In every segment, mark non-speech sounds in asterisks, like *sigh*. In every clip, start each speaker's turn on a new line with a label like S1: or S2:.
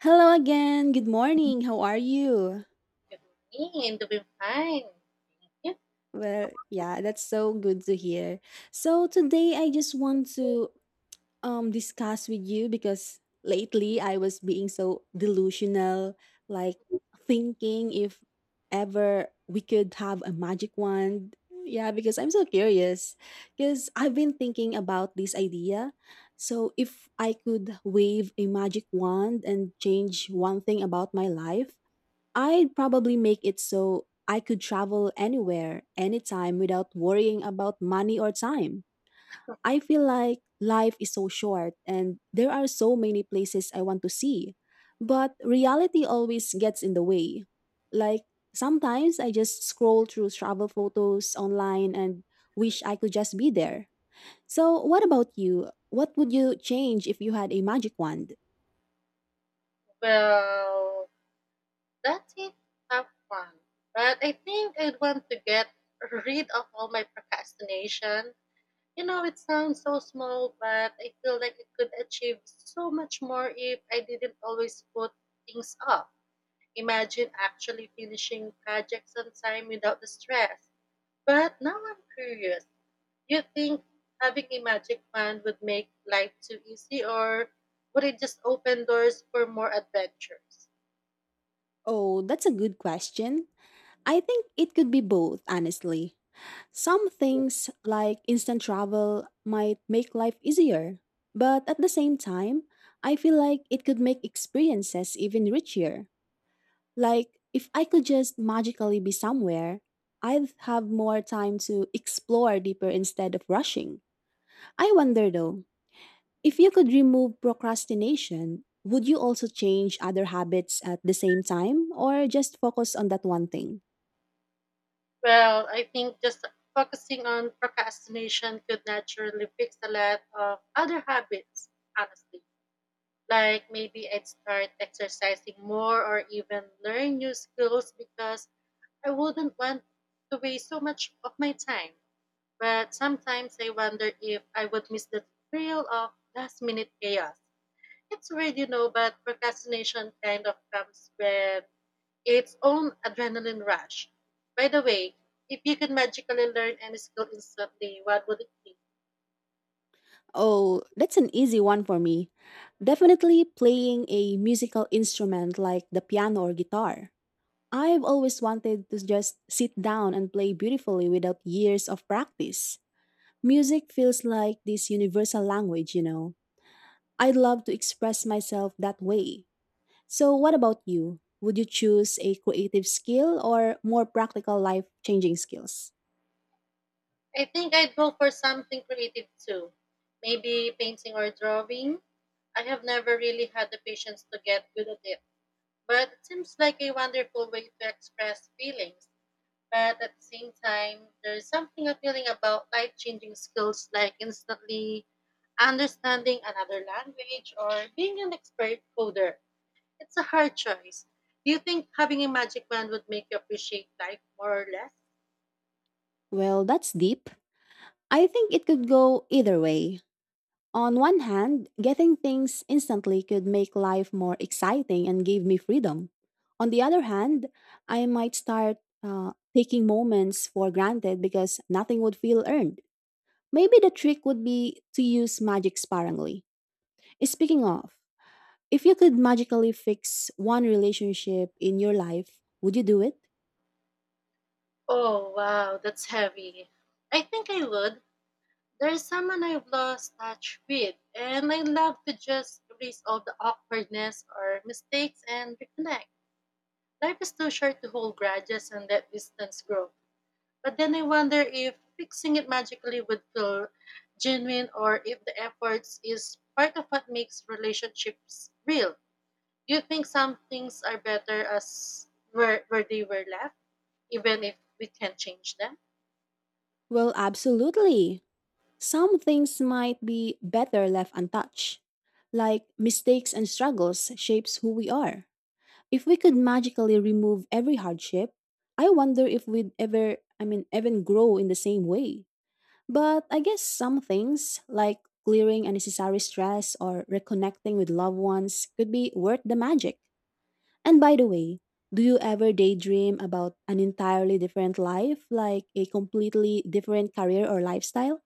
S1: Hello again. Good morning. How are you?
S2: Good morning, doing fine. Yeah,
S1: Well, yeah, that's so good to hear. So today I just want to discuss with you because lately I was being so delusional, like thinking if ever we could have a magic wand. Yeah, because I'm so curious because I've been thinking about this idea. So if I could wave a magic wand and change one thing about my life, I'd probably make it so I could travel anywhere, anytime without worrying about money or time. I feel like life is so short and there are so many places I want to see. But reality always gets in the way. Like sometimes I just scroll through travel photos online and wish I could just be there. So, what about you? What would you change if you had a magic wand?
S2: well, that's it. Have fun. But I think I'd want to get rid of all my procrastination. It sounds so small, but I feel like I could achieve so much more if I didn't always put things off. Imagine actually finishing projects on time without the stress. But now I'm curious. Do you think having a magic wand would make life too easy, or would it just open doors for more adventures?
S1: Oh, that's a good question. I think it could be both, honestly. Some things like instant travel might make life easier, but at the same time, I feel like it could make experiences even richer. Like, if I could just magically be somewhere, I'd have more time to explore deeper instead of rushing. I wonder though, if you could remove procrastination, would you also change other habits at the same time or just focus on that one thing?
S2: Well, I think just focusing on procrastination could naturally fix a lot of other habits, honestly. Like maybe I'd start exercising more or even learn new skills because I wouldn't want to waste so much of my time. But sometimes I wonder if I would miss the thrill of last minute chaos. It's weird, but procrastination kind of comes with its own adrenaline rush. By the way, if you could magically learn any skill instantly, what would it be?
S1: Oh, that's an easy one for me. Definitely playing a musical instrument like the piano or guitar. I've always wanted to just sit down and play beautifully without years of practice. Music feels like this universal language, you know. I'd love to express myself that way. So, what about you? Would you choose a creative skill or more practical life changing skills?
S2: I think I'd go for something creative too. Maybe painting or drawing. I have never really had the patience to get good at it, but it seems like a wonderful way to express feelings. But at the same time, there's something appealing about life changing skills like instantly understanding another language or being an expert coder. It's a hard choice. Do you think having a magic wand would make you appreciate life more or less?
S1: Well, that's deep. I think it could go either way. On one hand, getting things instantly could make life more exciting and give me freedom. On the other hand, I might start taking moments for granted because nothing would feel earned. Maybe the trick would be to use magic sparingly. Speaking of, if you could magically fix one relationship in your life, would you do it?
S2: Oh, wow, that's heavy. I think I would. There's someone I've lost touch with, and I love to just erase all the awkwardness or mistakes and reconnect. Life is too short to hold grudges and let distance grow. But then I wonder if fixing it magically would feel genuine or if the efforts is part of what makes relationships real. Do you think some things are better as where they were left, even if we can't change them?
S1: Well, absolutely. Some things might be better left untouched. Like mistakes and struggles shapes who we are. If we could magically remove every hardship, I wonder if we'd ever, I mean, even grow in the same way. But I guess some things, like clearing unnecessary stress or reconnecting with loved ones, could be worth the magic. And by the way, do you ever daydream about an entirely different life, like a completely different career or lifestyle?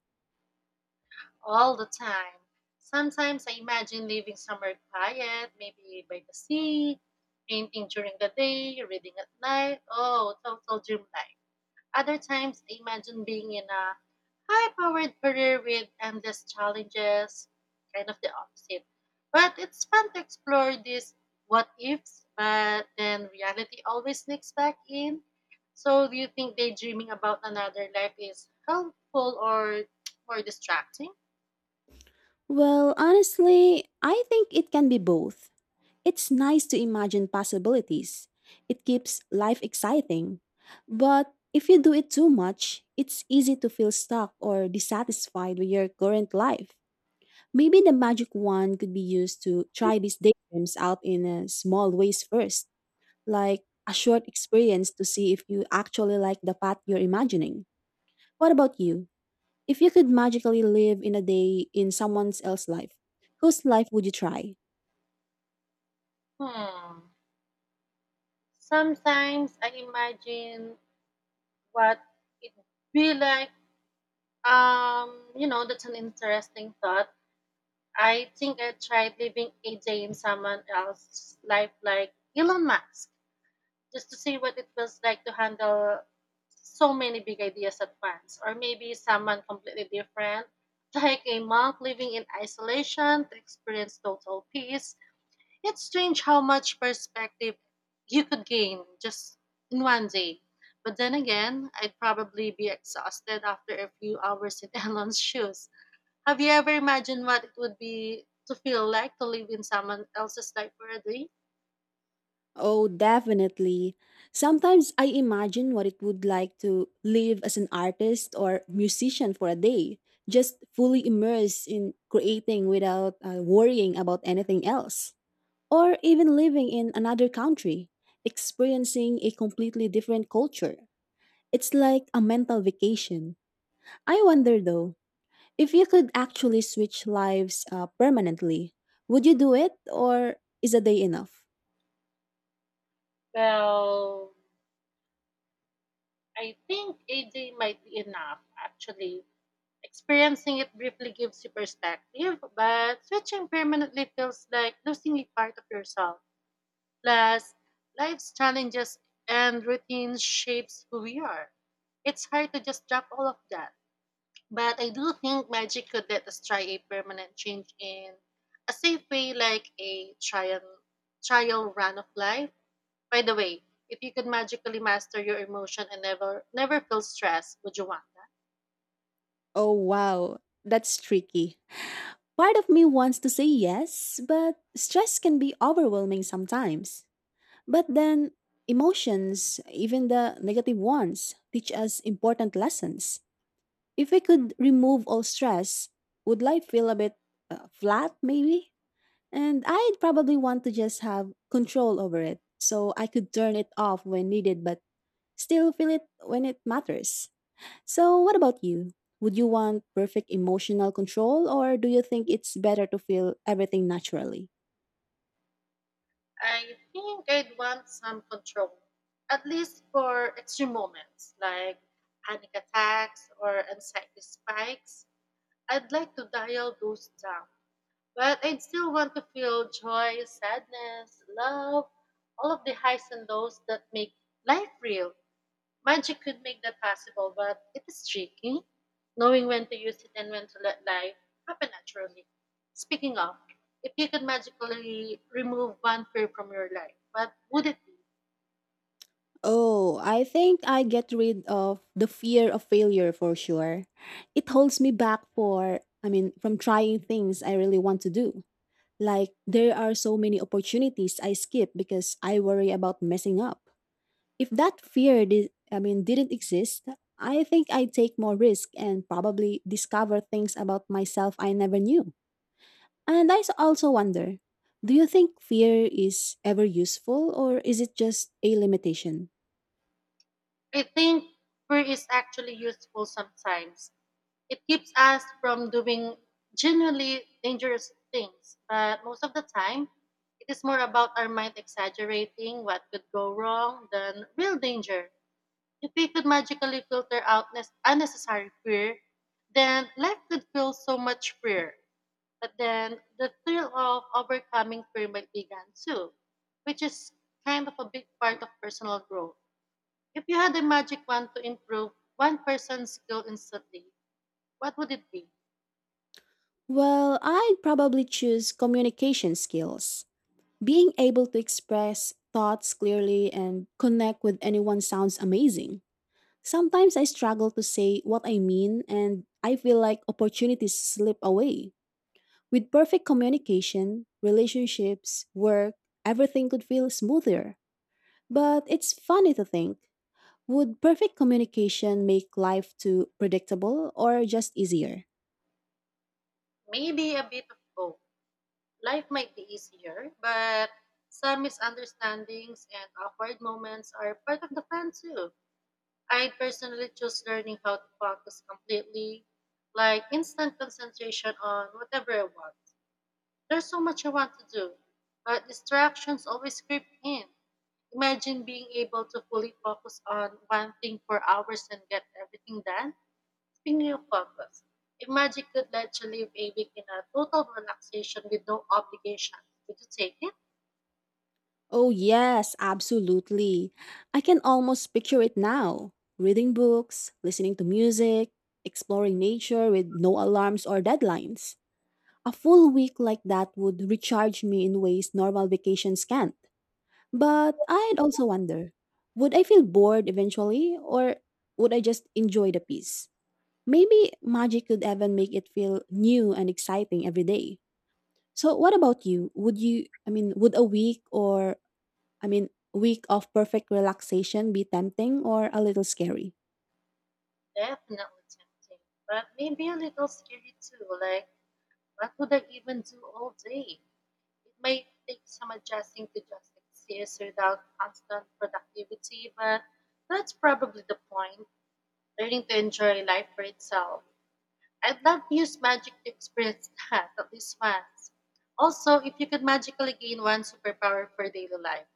S2: All the time. Sometimes I imagine living somewhere quiet, maybe by the sea, painting during the day, reading at night. Oh, total dream life. Other times, I imagine being in a high powered career with endless challenges, kind of the opposite. But it's fun to explore these what ifs, but then reality always sneaks back in. So, do you think daydreaming about another life is helpful or more distracting?
S1: Well, honestly, I think it can be both. It's nice to imagine possibilities. It keeps life exciting. But if you do it too much, it's easy to feel stuck or dissatisfied with your current life. Maybe the magic wand could be used to try these daydreams out in small ways first, like a short experience to see if you actually like the path you're imagining. What about you? If you could magically live in a day in someone else's life, whose life would you try?
S2: Hmm. Sometimes I imagine what it be like. That's an interesting thought. I think I tried living a day in someone else's life, like Elon Musk, just to see what it was like to handle so many big ideas at once. Or maybe someone completely different, like a monk living in isolation to experience total peace. It's strange how much perspective you could gain just in one day. But then again, I'd probably be exhausted after a few hours in *laughs* Elon's shoes. Have you ever imagined what it would be to feel like to live in someone else's life for a day?
S1: Oh, definitely. Sometimes I imagine what it would like to live as an artist or musician for a day, just fully immersed in creating without worrying about anything else. Or even living in another country, experiencing a completely different culture. It's like a mental vacation. I wonder though, if you could actually switch lives permanently, would you do it or is a day enough?
S2: Well, I think a day might be enough, actually. Experiencing it briefly gives you perspective, but switching permanently feels like losing a part of yourself. Plus, life's challenges and routine shapes who we are. It's hard to just drop all of that. But I do think magic could let us try a permanent change in a safe way, like a trial run of life. By the way, if you could magically master your emotion and never feel stress, would you want that?
S1: Oh, wow. That's tricky. Part of me wants to say yes, but stress can be overwhelming sometimes. But then, emotions, even the negative ones, teach us important lessons. If we could remove all stress, would life feel a bit flat, maybe? And I'd probably want to just have control over it so I could turn it off when needed, but still feel it when it matters. So, what about you? Would you want perfect emotional control, or do you think it's better to feel everything naturally?
S2: I think I'd want some control, at least for extreme moments like panic attacks or anxiety spikes. I'd like to dial those down. But I'd still want to feel joy, sadness, love, all of the highs and lows that make life real. Magic could make that possible, but it is tricky, knowing when to use it and when to let life happen naturally. Speaking of, if you could magically remove one fear from your life, what would it be?
S1: Oh, I think I get rid of the fear of failure for sure. It holds me back for, I mean, from trying things I really want to do. Like, there are so many opportunities I skip because I worry about messing up. If that fear, did, I mean, didn't exist, I think I'd take more risk and probably discover things about myself I never knew. And also wonder, do you think fear is ever useful or is it just a limitation?
S2: I think fear is actually useful sometimes. It keeps us from doing genuinely dangerous things, but most of the time, it is more about our mind exaggerating what could go wrong than real danger. If we could magically filter out unnecessary fear, then life could feel so much freer. But then the thrill of overcoming fear might be gone too, which is kind of a big part of personal growth. If you had a magic wand to improve one person's skill instantly, what would it be?
S1: Well, I'd probably choose communication skills. Being able to express thoughts clearly and connect with anyone sounds amazing. Sometimes I struggle to say what I mean and I feel like opportunities slip away. With perfect communication, relationships, work, everything could feel smoother. But it's funny to think, would perfect communication make life too predictable or just easier?
S2: Maybe a bit of both. Life might be easier, but some misunderstandings and awkward moments are part of the fun too. I'd personally choose learning how to focus completely, like instant concentration on whatever I want. There's so much I want to do, but distractions always creep in. Imagine being able to fully focus on one thing for hours and get everything done. Speaking of focus, if magic could let you live a week in a total relaxation with no obligations, would you take it?
S1: Oh, yes, absolutely. I can almost picture it now, reading books, listening to music, exploring nature with no alarms or deadlines. A full week like that would recharge me in ways normal vacations can't. But I'd also wonder, would I feel bored eventually or would I just enjoy the peace? Maybe magic could even make it feel new and exciting every day. So what about you? Would you I mean, would a week or I mean, week of perfect relaxation be tempting or a little scary?
S2: Definitely tempting, but maybe a little scary too. Like, what would I even do all day? It may take some adjusting to just exist without constant productivity, but that's probably the point. Learning to enjoy life for itself. I'd love to use magic to experience that *laughs* at least once. Also, if you could magically gain one superpower for daily life,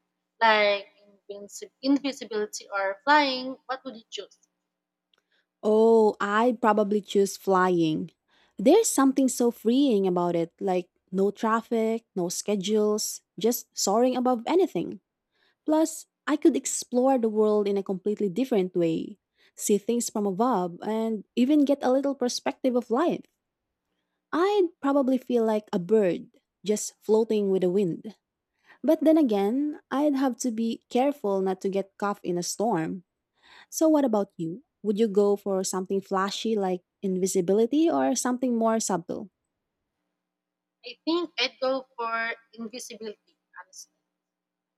S2: like invisibility or flying, what would you choose?
S1: Oh, I'd probably choose flying. There's something so freeing about it, like no traffic, no schedules, just soaring above anything. Plus, I could explore the world in a completely different way, see things from above, and even get a little perspective of life. I'd probably feel like a bird just floating with the wind. But then again, I'd have to be careful not to get caught in a storm. So, what about you? Would you go for something flashy like invisibility or something more subtle?
S2: I think I'd go for invisibility, honestly.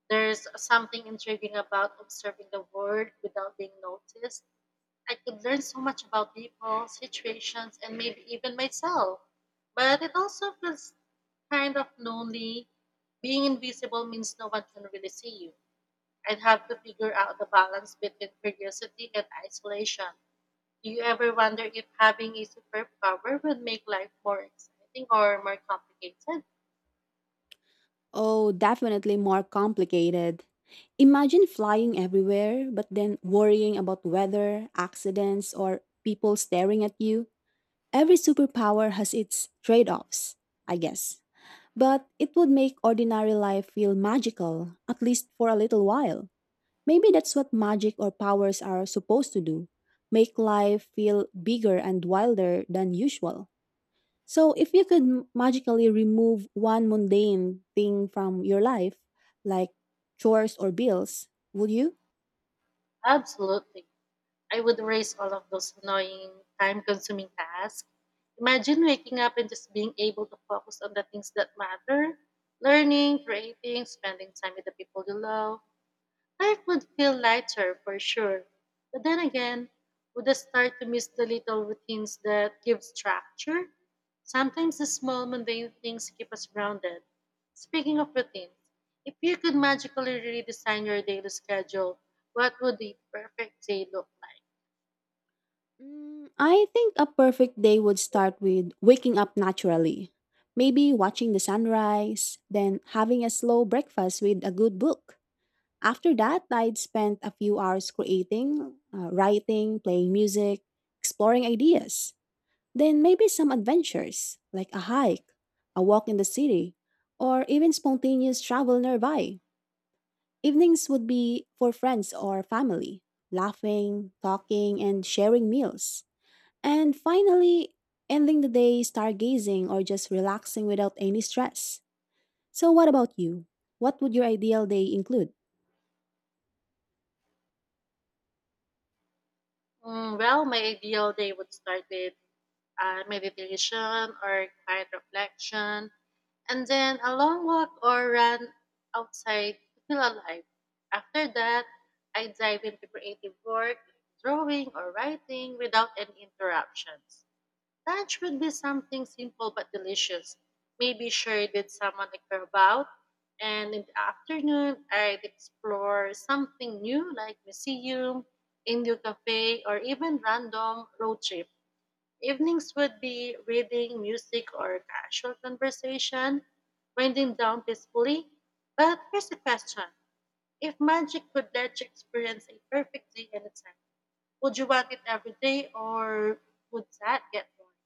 S2: There's something intriguing about observing the world without being noticed. I could learn so much about people, situations, and maybe even myself. But it also feels kind of lonely. Being invisible means no one can really see you. I'd have to figure out the balance between curiosity and isolation. Do you ever wonder if having a superpower would make life more exciting or more complicated?
S1: Oh, definitely more complicated. Imagine flying everywhere, but then worrying about weather, accidents, or people staring at you. Every superpower has its trade offs, I guess. But it would make ordinary life feel magical, at least for a little while. Maybe that's what magic or powers are supposed to do, make life feel bigger and wilder than usual. So, if you could magically remove one mundane thing from your life, like chores or bills, would you?
S2: Absolutely. I would erase all of those annoying, time consuming tasks. Imagine waking up and just being able to focus on the things that matter: learning, creating, spending time with the people you love. Life would feel lighter for sure. But then again, would I start to miss the little routines that give structure? Sometimes the small, mundane things keep us grounded. Speaking of routines, if you could magically redesign your daily schedule, what would the perfect day look like?
S1: Mm, I think a perfect day would start with waking up naturally. Maybe watching the sunrise, then having a slow breakfast with a good book. After that, I'd spent a few hours creating, writing, playing music, exploring ideas. Then maybe some adventures, like a hike, a walk in the city, or even spontaneous travel nearby. Evenings would be for friends or family, laughing, talking, and sharing meals. And finally, ending the day stargazing or just relaxing without any stress. So, what about you? What would your ideal day include?
S2: Mm, well, my ideal day would start with meditation or quiet reflection, and then a long walk or run outside to feel alive. After that, I dive into creative work, drawing or writing without any interruptions. Lunch would be something simple but delicious, maybe shared with someone I care about. And in the afternoon, I'd explore something new like museum, Indo cafe, or even random road trip. Evenings would be reading, music, or casual conversation, winding down peacefully. But here's the question. If magic could let you experience a perfect day anytime, would you want it every day or would that get boring?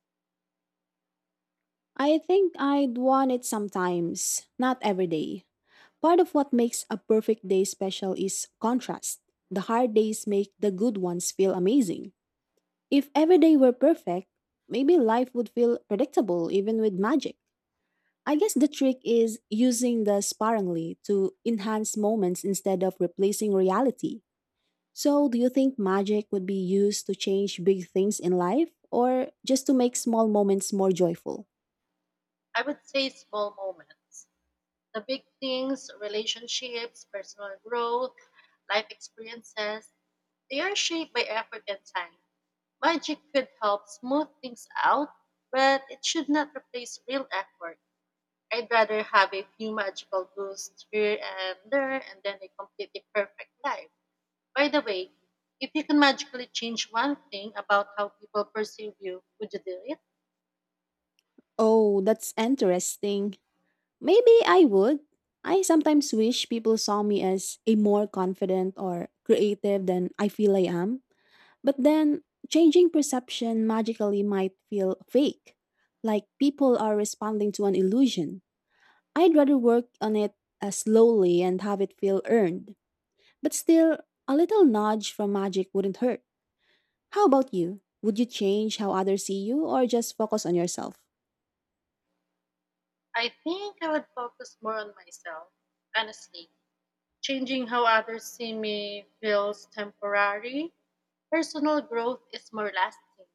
S1: I think I'd want it sometimes, not every day. Part of what makes a perfect day special is contrast. The hard days make the good ones feel amazing. If every day were perfect, maybe life would feel predictable even with magic. I guess the trick is using the sparingly to enhance moments instead of replacing reality. So, do you think magic would be used to change big things in life or just to make small moments more joyful?
S2: I would say small moments. The big things, relationships, personal growth, life experiences, they are shaped by effort and time. Magic could help smooth things out, but it should not replace real effort. I'd rather have a few magical boosts here and there and then a completely perfect life. By the way, if you can magically change one thing about how people perceive you, would you do it?
S1: Oh, that's interesting. Maybe I would. I sometimes wish people saw me as a more confident or creative than I feel I am. But then changing perception magically might feel fake, like people are responding to an illusion. I'd rather work on it slowly and have it feel earned. But still, a little nudge from magic wouldn't hurt. How about you? Would you change how others see you or just focus on yourself?
S2: I think I would focus more on myself, honestly. Changing how others see me feels temporary. Personal growth is more lasting.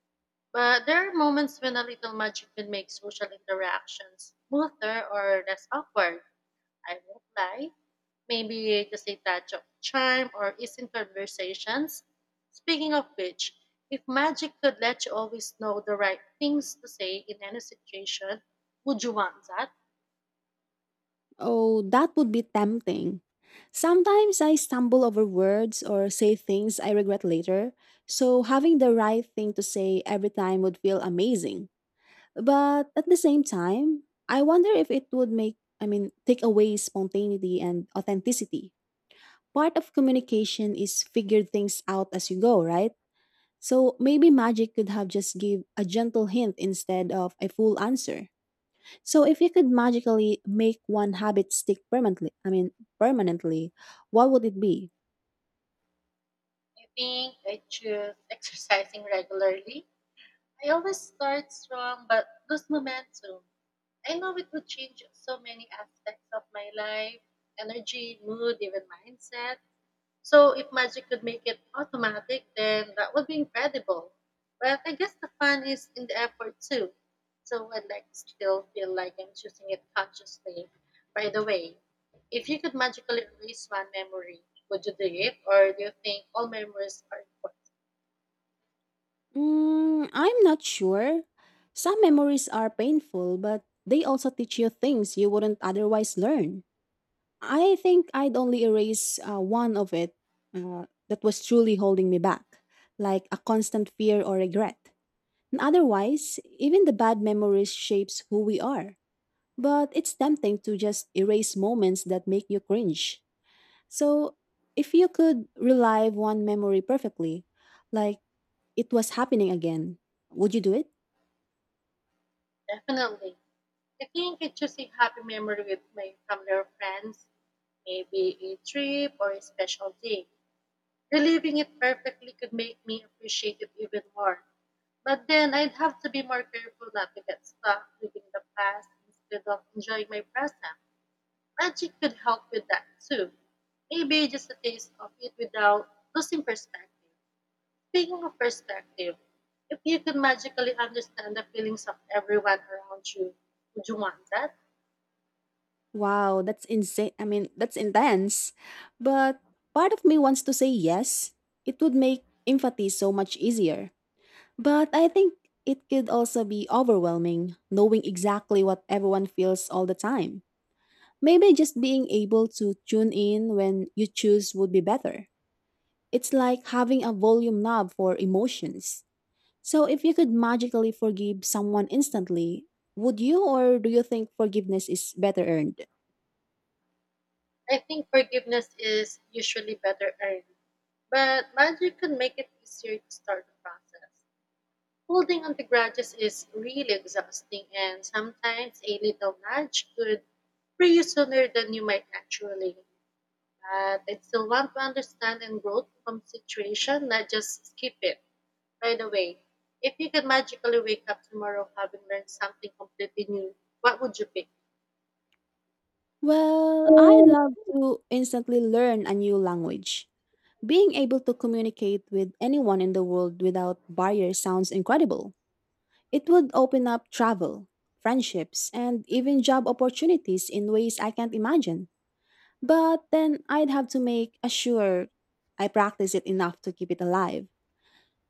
S2: But there are moments when a little magic can make social interactions smoother or less awkward. I won't lie. Maybe just a touch of charm or easing conversations. Speaking of which, if magic could let you always know the right things to say in any situation, would you want that?
S1: Oh, that would be tempting. Sometimes I stumble over words or say things I regret later, so having the right thing to say every time would feel amazing. But at the same time, I wonder if it would make, I mean, take away spontaneity and authenticity. Part of communication is figure things out as you go, right? So maybe magic could have just give a gentle hint instead of a full answer. So if you could magically make one habit stick permanently, permanently, what would it be?
S2: I think I choose *laughs* exercising regularly. I always start strong but lose momentum. I know it would change so many aspects of my life: energy, mood, even mindset. So, if magic could make it automatic, then that would be incredible. But I guess the fun is in the effort too. So, I'd like to still feel like I'm choosing it consciously. By the way, if you could magically erase one memory, would you do it? Or do you think all memories are important?
S1: Mm, I'm not sure. Some memories are painful, but they also teach you things you wouldn't otherwise learn. I think I'd only erase one of it that was truly holding me back, like a constant fear or regret. And otherwise, even the bad memories shapes who we are. But it's tempting to just erase moments that make you cringe. So, if you could relive one memory perfectly, like it was happening again, would you do it?
S2: Definitely. I think I choose a happy memory with my family or friends, maybe a trip or a special day. Reliving it perfectly could make me appreciate it even more. But then I'd have to be more careful not to get stuck living the past instead of enjoying my present. Magic could help with that too. Maybe just a taste of it without losing perspective. Speaking of perspective, if you could magically understand the feelings of everyone around you, would you want that?
S1: Wow, that's insane. I mean, that's intense. But part of me wants to say yes. It would make empathy so much easier. But I think it could also be overwhelming knowing exactly what everyone feels all the time. Maybe just being able to tune in when you choose would be better. It's like having a volume knob for emotions. So, if you could magically forgive someone instantly, would you or do you think forgiveness is better earned?
S2: I think forgiveness is usually better earned, but magic can make it easier to start the process. Holding on to grudges is really exhausting, and sometimes a little nudge could free you sooner than you might actually. But I still want to understand and grow from situation, not just skip it. By the way, if you could magically wake up tomorrow having learned something completely new, what would you pick?
S1: Well, I love to instantly learn a new language. Being able to communicate with anyone in the world without barriers sounds incredible. It would open up travel, friendships, and even job opportunities in ways I can't imagine. But then I'd have to make sure I practice it enough to keep it alive.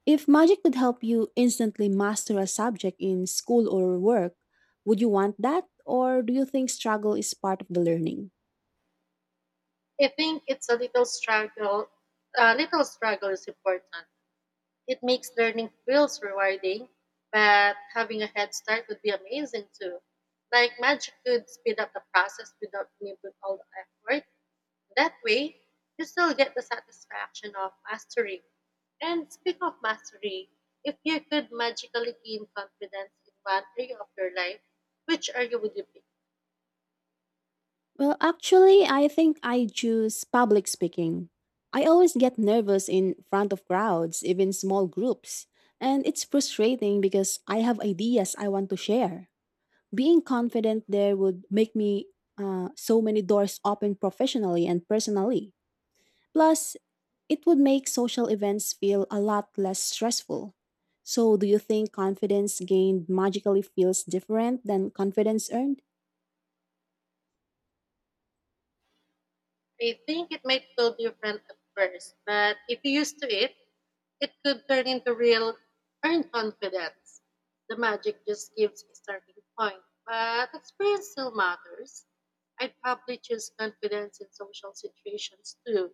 S1: If magic could help you instantly master a subject in school or work, would you want that? Or do you think struggle is part of the learning?
S2: I think it's a little struggle. A little struggle is important. It makes learning feels rewarding, but having a head start would be amazing too. Like magic could speed up the process without needing all the effort. That way, you still get the satisfaction of mastering. And speaking of mastery, if you could magically gain confidence in one area of your life, which area would you pick?
S1: Well, actually, I think I choose public speaking. I always get nervous in front of crowds, even small groups. And it's frustrating because I have ideas I want to share. Being confident there would make me so many doors open professionally and personally. Plus, it would make social events feel a lot less stressful. So, do you think confidence gained magically feels different than confidence earned?
S2: I think it might feel different at first, but if you used to it, it could turn into real earned confidence. The magic just gives a starting point, but experience still matters. I'd probably choose confidence in social situations too.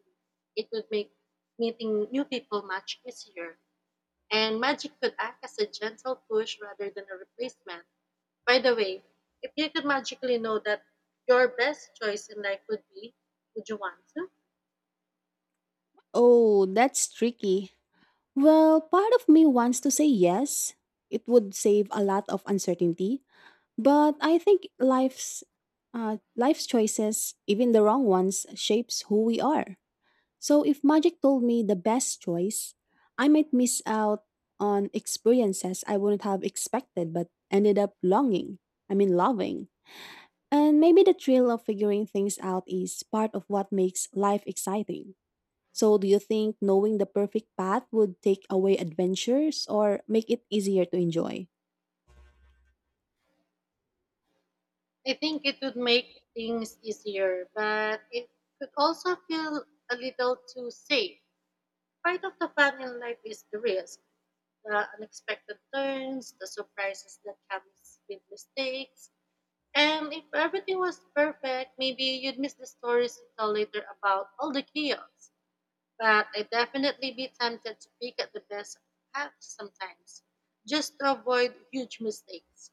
S2: It would make meeting new people much easier. And magic could act as a gentle push rather than a replacement. By the way, if you could magically know that your best choice in life would be, would you want to?
S1: Oh, that's tricky. Well, part of me wants to say yes. It would save a lot of uncertainty, but I think life's choices, even the wrong ones, shapes who we are. So if magic told me the best choice, I might miss out on experiences I wouldn't have expected but ended up longing. I mean, loving. And maybe the thrill of figuring things out is part of what makes life exciting. So, do you think knowing the perfect path would take away adventures or make it easier to enjoy?
S2: I think it would make things easier, but it could also feel a little too safe. Part of the fun in life is the risk, the unexpected turns, the surprises that comes with mistakes. And if everything was perfect, maybe you'd miss the stories you tell later about all the chaos. But I definitely be tempted to pick at the best path sometimes, just to avoid huge mistakes.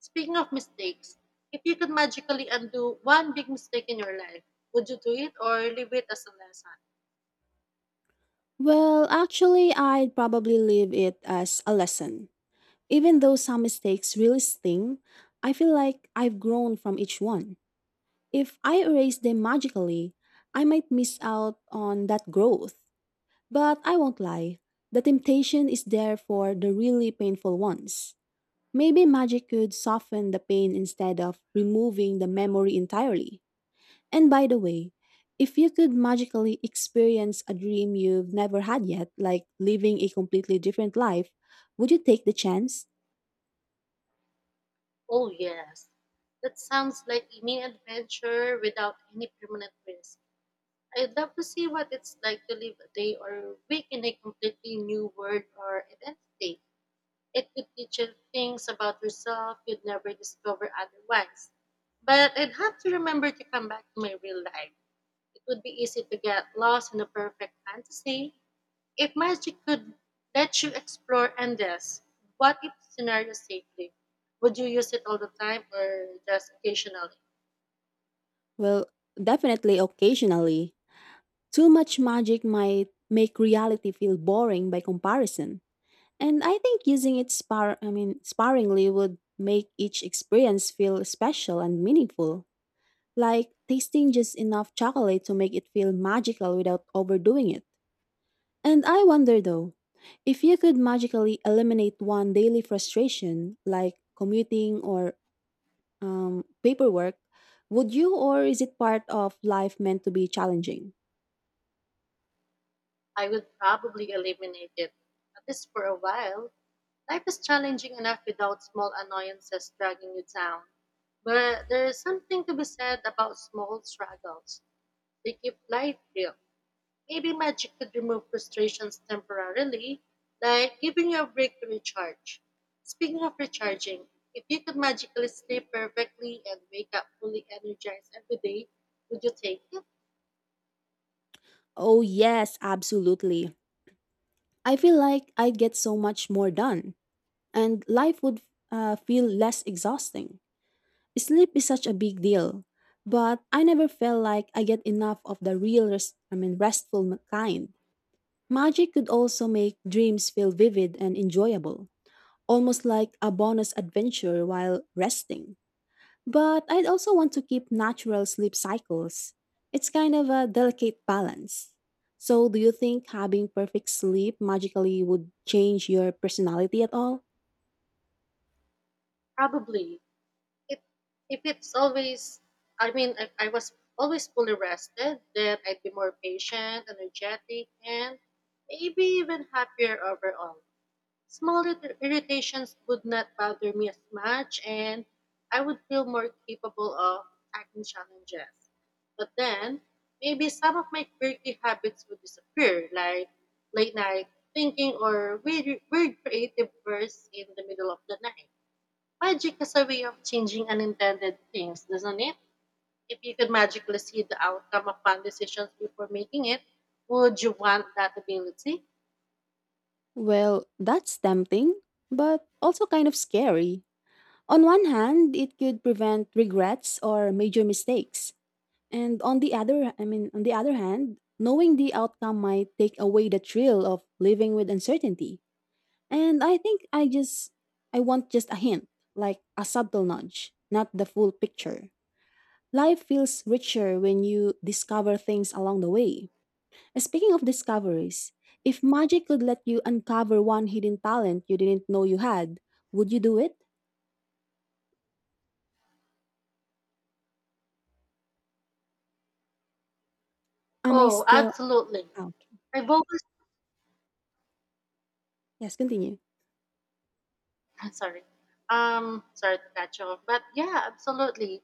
S2: Speaking of mistakes, if you could magically undo one big mistake in your life, would you do it or leave it as a lesson?
S1: Well, actually, I'd probably leave it as a lesson. Even though some mistakes really sting, I feel like I've grown from each one. If I erase them magically, I might miss out on that growth. But I won't lie, the temptation is there for the really painful ones. Maybe magic could soften the pain instead of removing the memory entirely. And by the way, if you could magically experience a dream you've never had yet, like living a completely different life, would you take the chance?
S2: Oh, yes. That sounds like a mini adventure without any permanent risk. I'd love to see what it's like to live a day or week in a completely new world or identity. It could teach you things about yourself you'd never discover otherwise. But I'd have to remember to come back to my real life. It would be easy to get lost in a perfect fantasy. If magic could let you explore endless, what if scenario safely? Would you use it all the time or just occasionally?
S1: Well, definitely occasionally. Too much magic might make reality feel boring by comparison, and I think using it spar I mean sparingly would make each experience feel special and meaningful, like tasting just enough chocolate to make it feel magical without overdoing it. And I wonder though, if you could magically eliminate one daily frustration like commuting or paperwork, would you or is it part of life meant to be challenging?
S2: I would probably eliminate it, at least for a while. Life is challenging enough without small annoyances dragging you down. But there is something to be said about small struggles. They keep life real. Maybe magic could remove frustrations temporarily, like giving you a break to recharge. Speaking of recharging, if you could magically sleep perfectly and wake up fully energized every day, would you take it?
S1: Oh, yes, absolutely. I feel like I'd get so much more done, and life would feel less exhausting. Sleep is such a big deal, but I never felt like I get enough of the real, I mean, restful kind. Magic could also make dreams feel vivid and enjoyable, almost like a bonus adventure while resting. But I'd also want to keep natural sleep cycles. It's kind of a delicate balance. So, do you think having perfect sleep magically would change your personality at all?
S2: Probably. If if it's always, I mean, if I was always fully rested, then I'd be more patient, energetic, and maybe even happier overall. Small irritations would not bother me as much, and I would feel more capable of tackling challenges. But then, maybe some of my quirky habits would disappear, like late night thinking or weird creative bursts in the middle of the night. Magic is a way of changing unintended things, doesn't it? If you could magically see the outcome of fun decisions before making it, would you want that ability?
S1: Well, that's tempting, but also kind of scary. On one hand, it could prevent regrets or major mistakes. And on the other, I mean, on the other hand, knowing the outcome might take away the thrill of living with uncertainty. And I think, I want just a hint, like a subtle nudge, not the full picture. Life feels richer when you discover things along the way. Speaking of discoveries, if magic could let you uncover one hidden talent you didn't know you had, would you do it? Am I
S2: Oh,
S1: still
S2: absolutely.
S1: out?
S2: I've always
S1: Yes, continue.
S2: *laughs* sorry. Sorry to catch you off. But yeah, absolutely.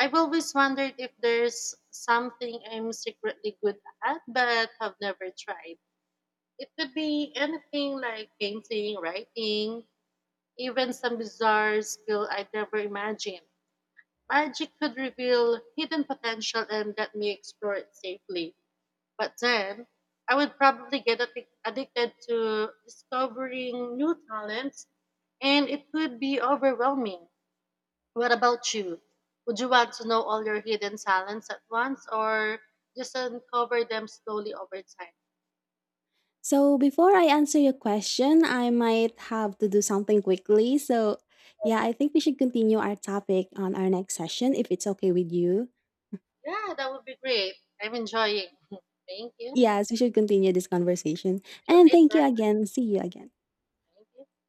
S2: I've always wondered if there's something I'm secretly good at but have never tried. It could be anything like painting, writing, even some bizarre skill I'd never imagined. Magic could reveal hidden potential and let me explore it safely. But then, I would probably get addicted to discovering new talents, and it could be overwhelming. What about you? Would you want to know all your hidden talents at once, or just uncover them slowly over time?
S1: So before I answer your question, I might have to do something quickly. So yeah, I think we should continue our topic on our next session if it's okay with you.
S2: Yeah, that would be great. I'm enjoying. *laughs* Thank you.
S1: Yes, we should continue this conversation.
S2: See you
S1: And thank you
S2: later.
S1: again. See you again.
S2: Thank you.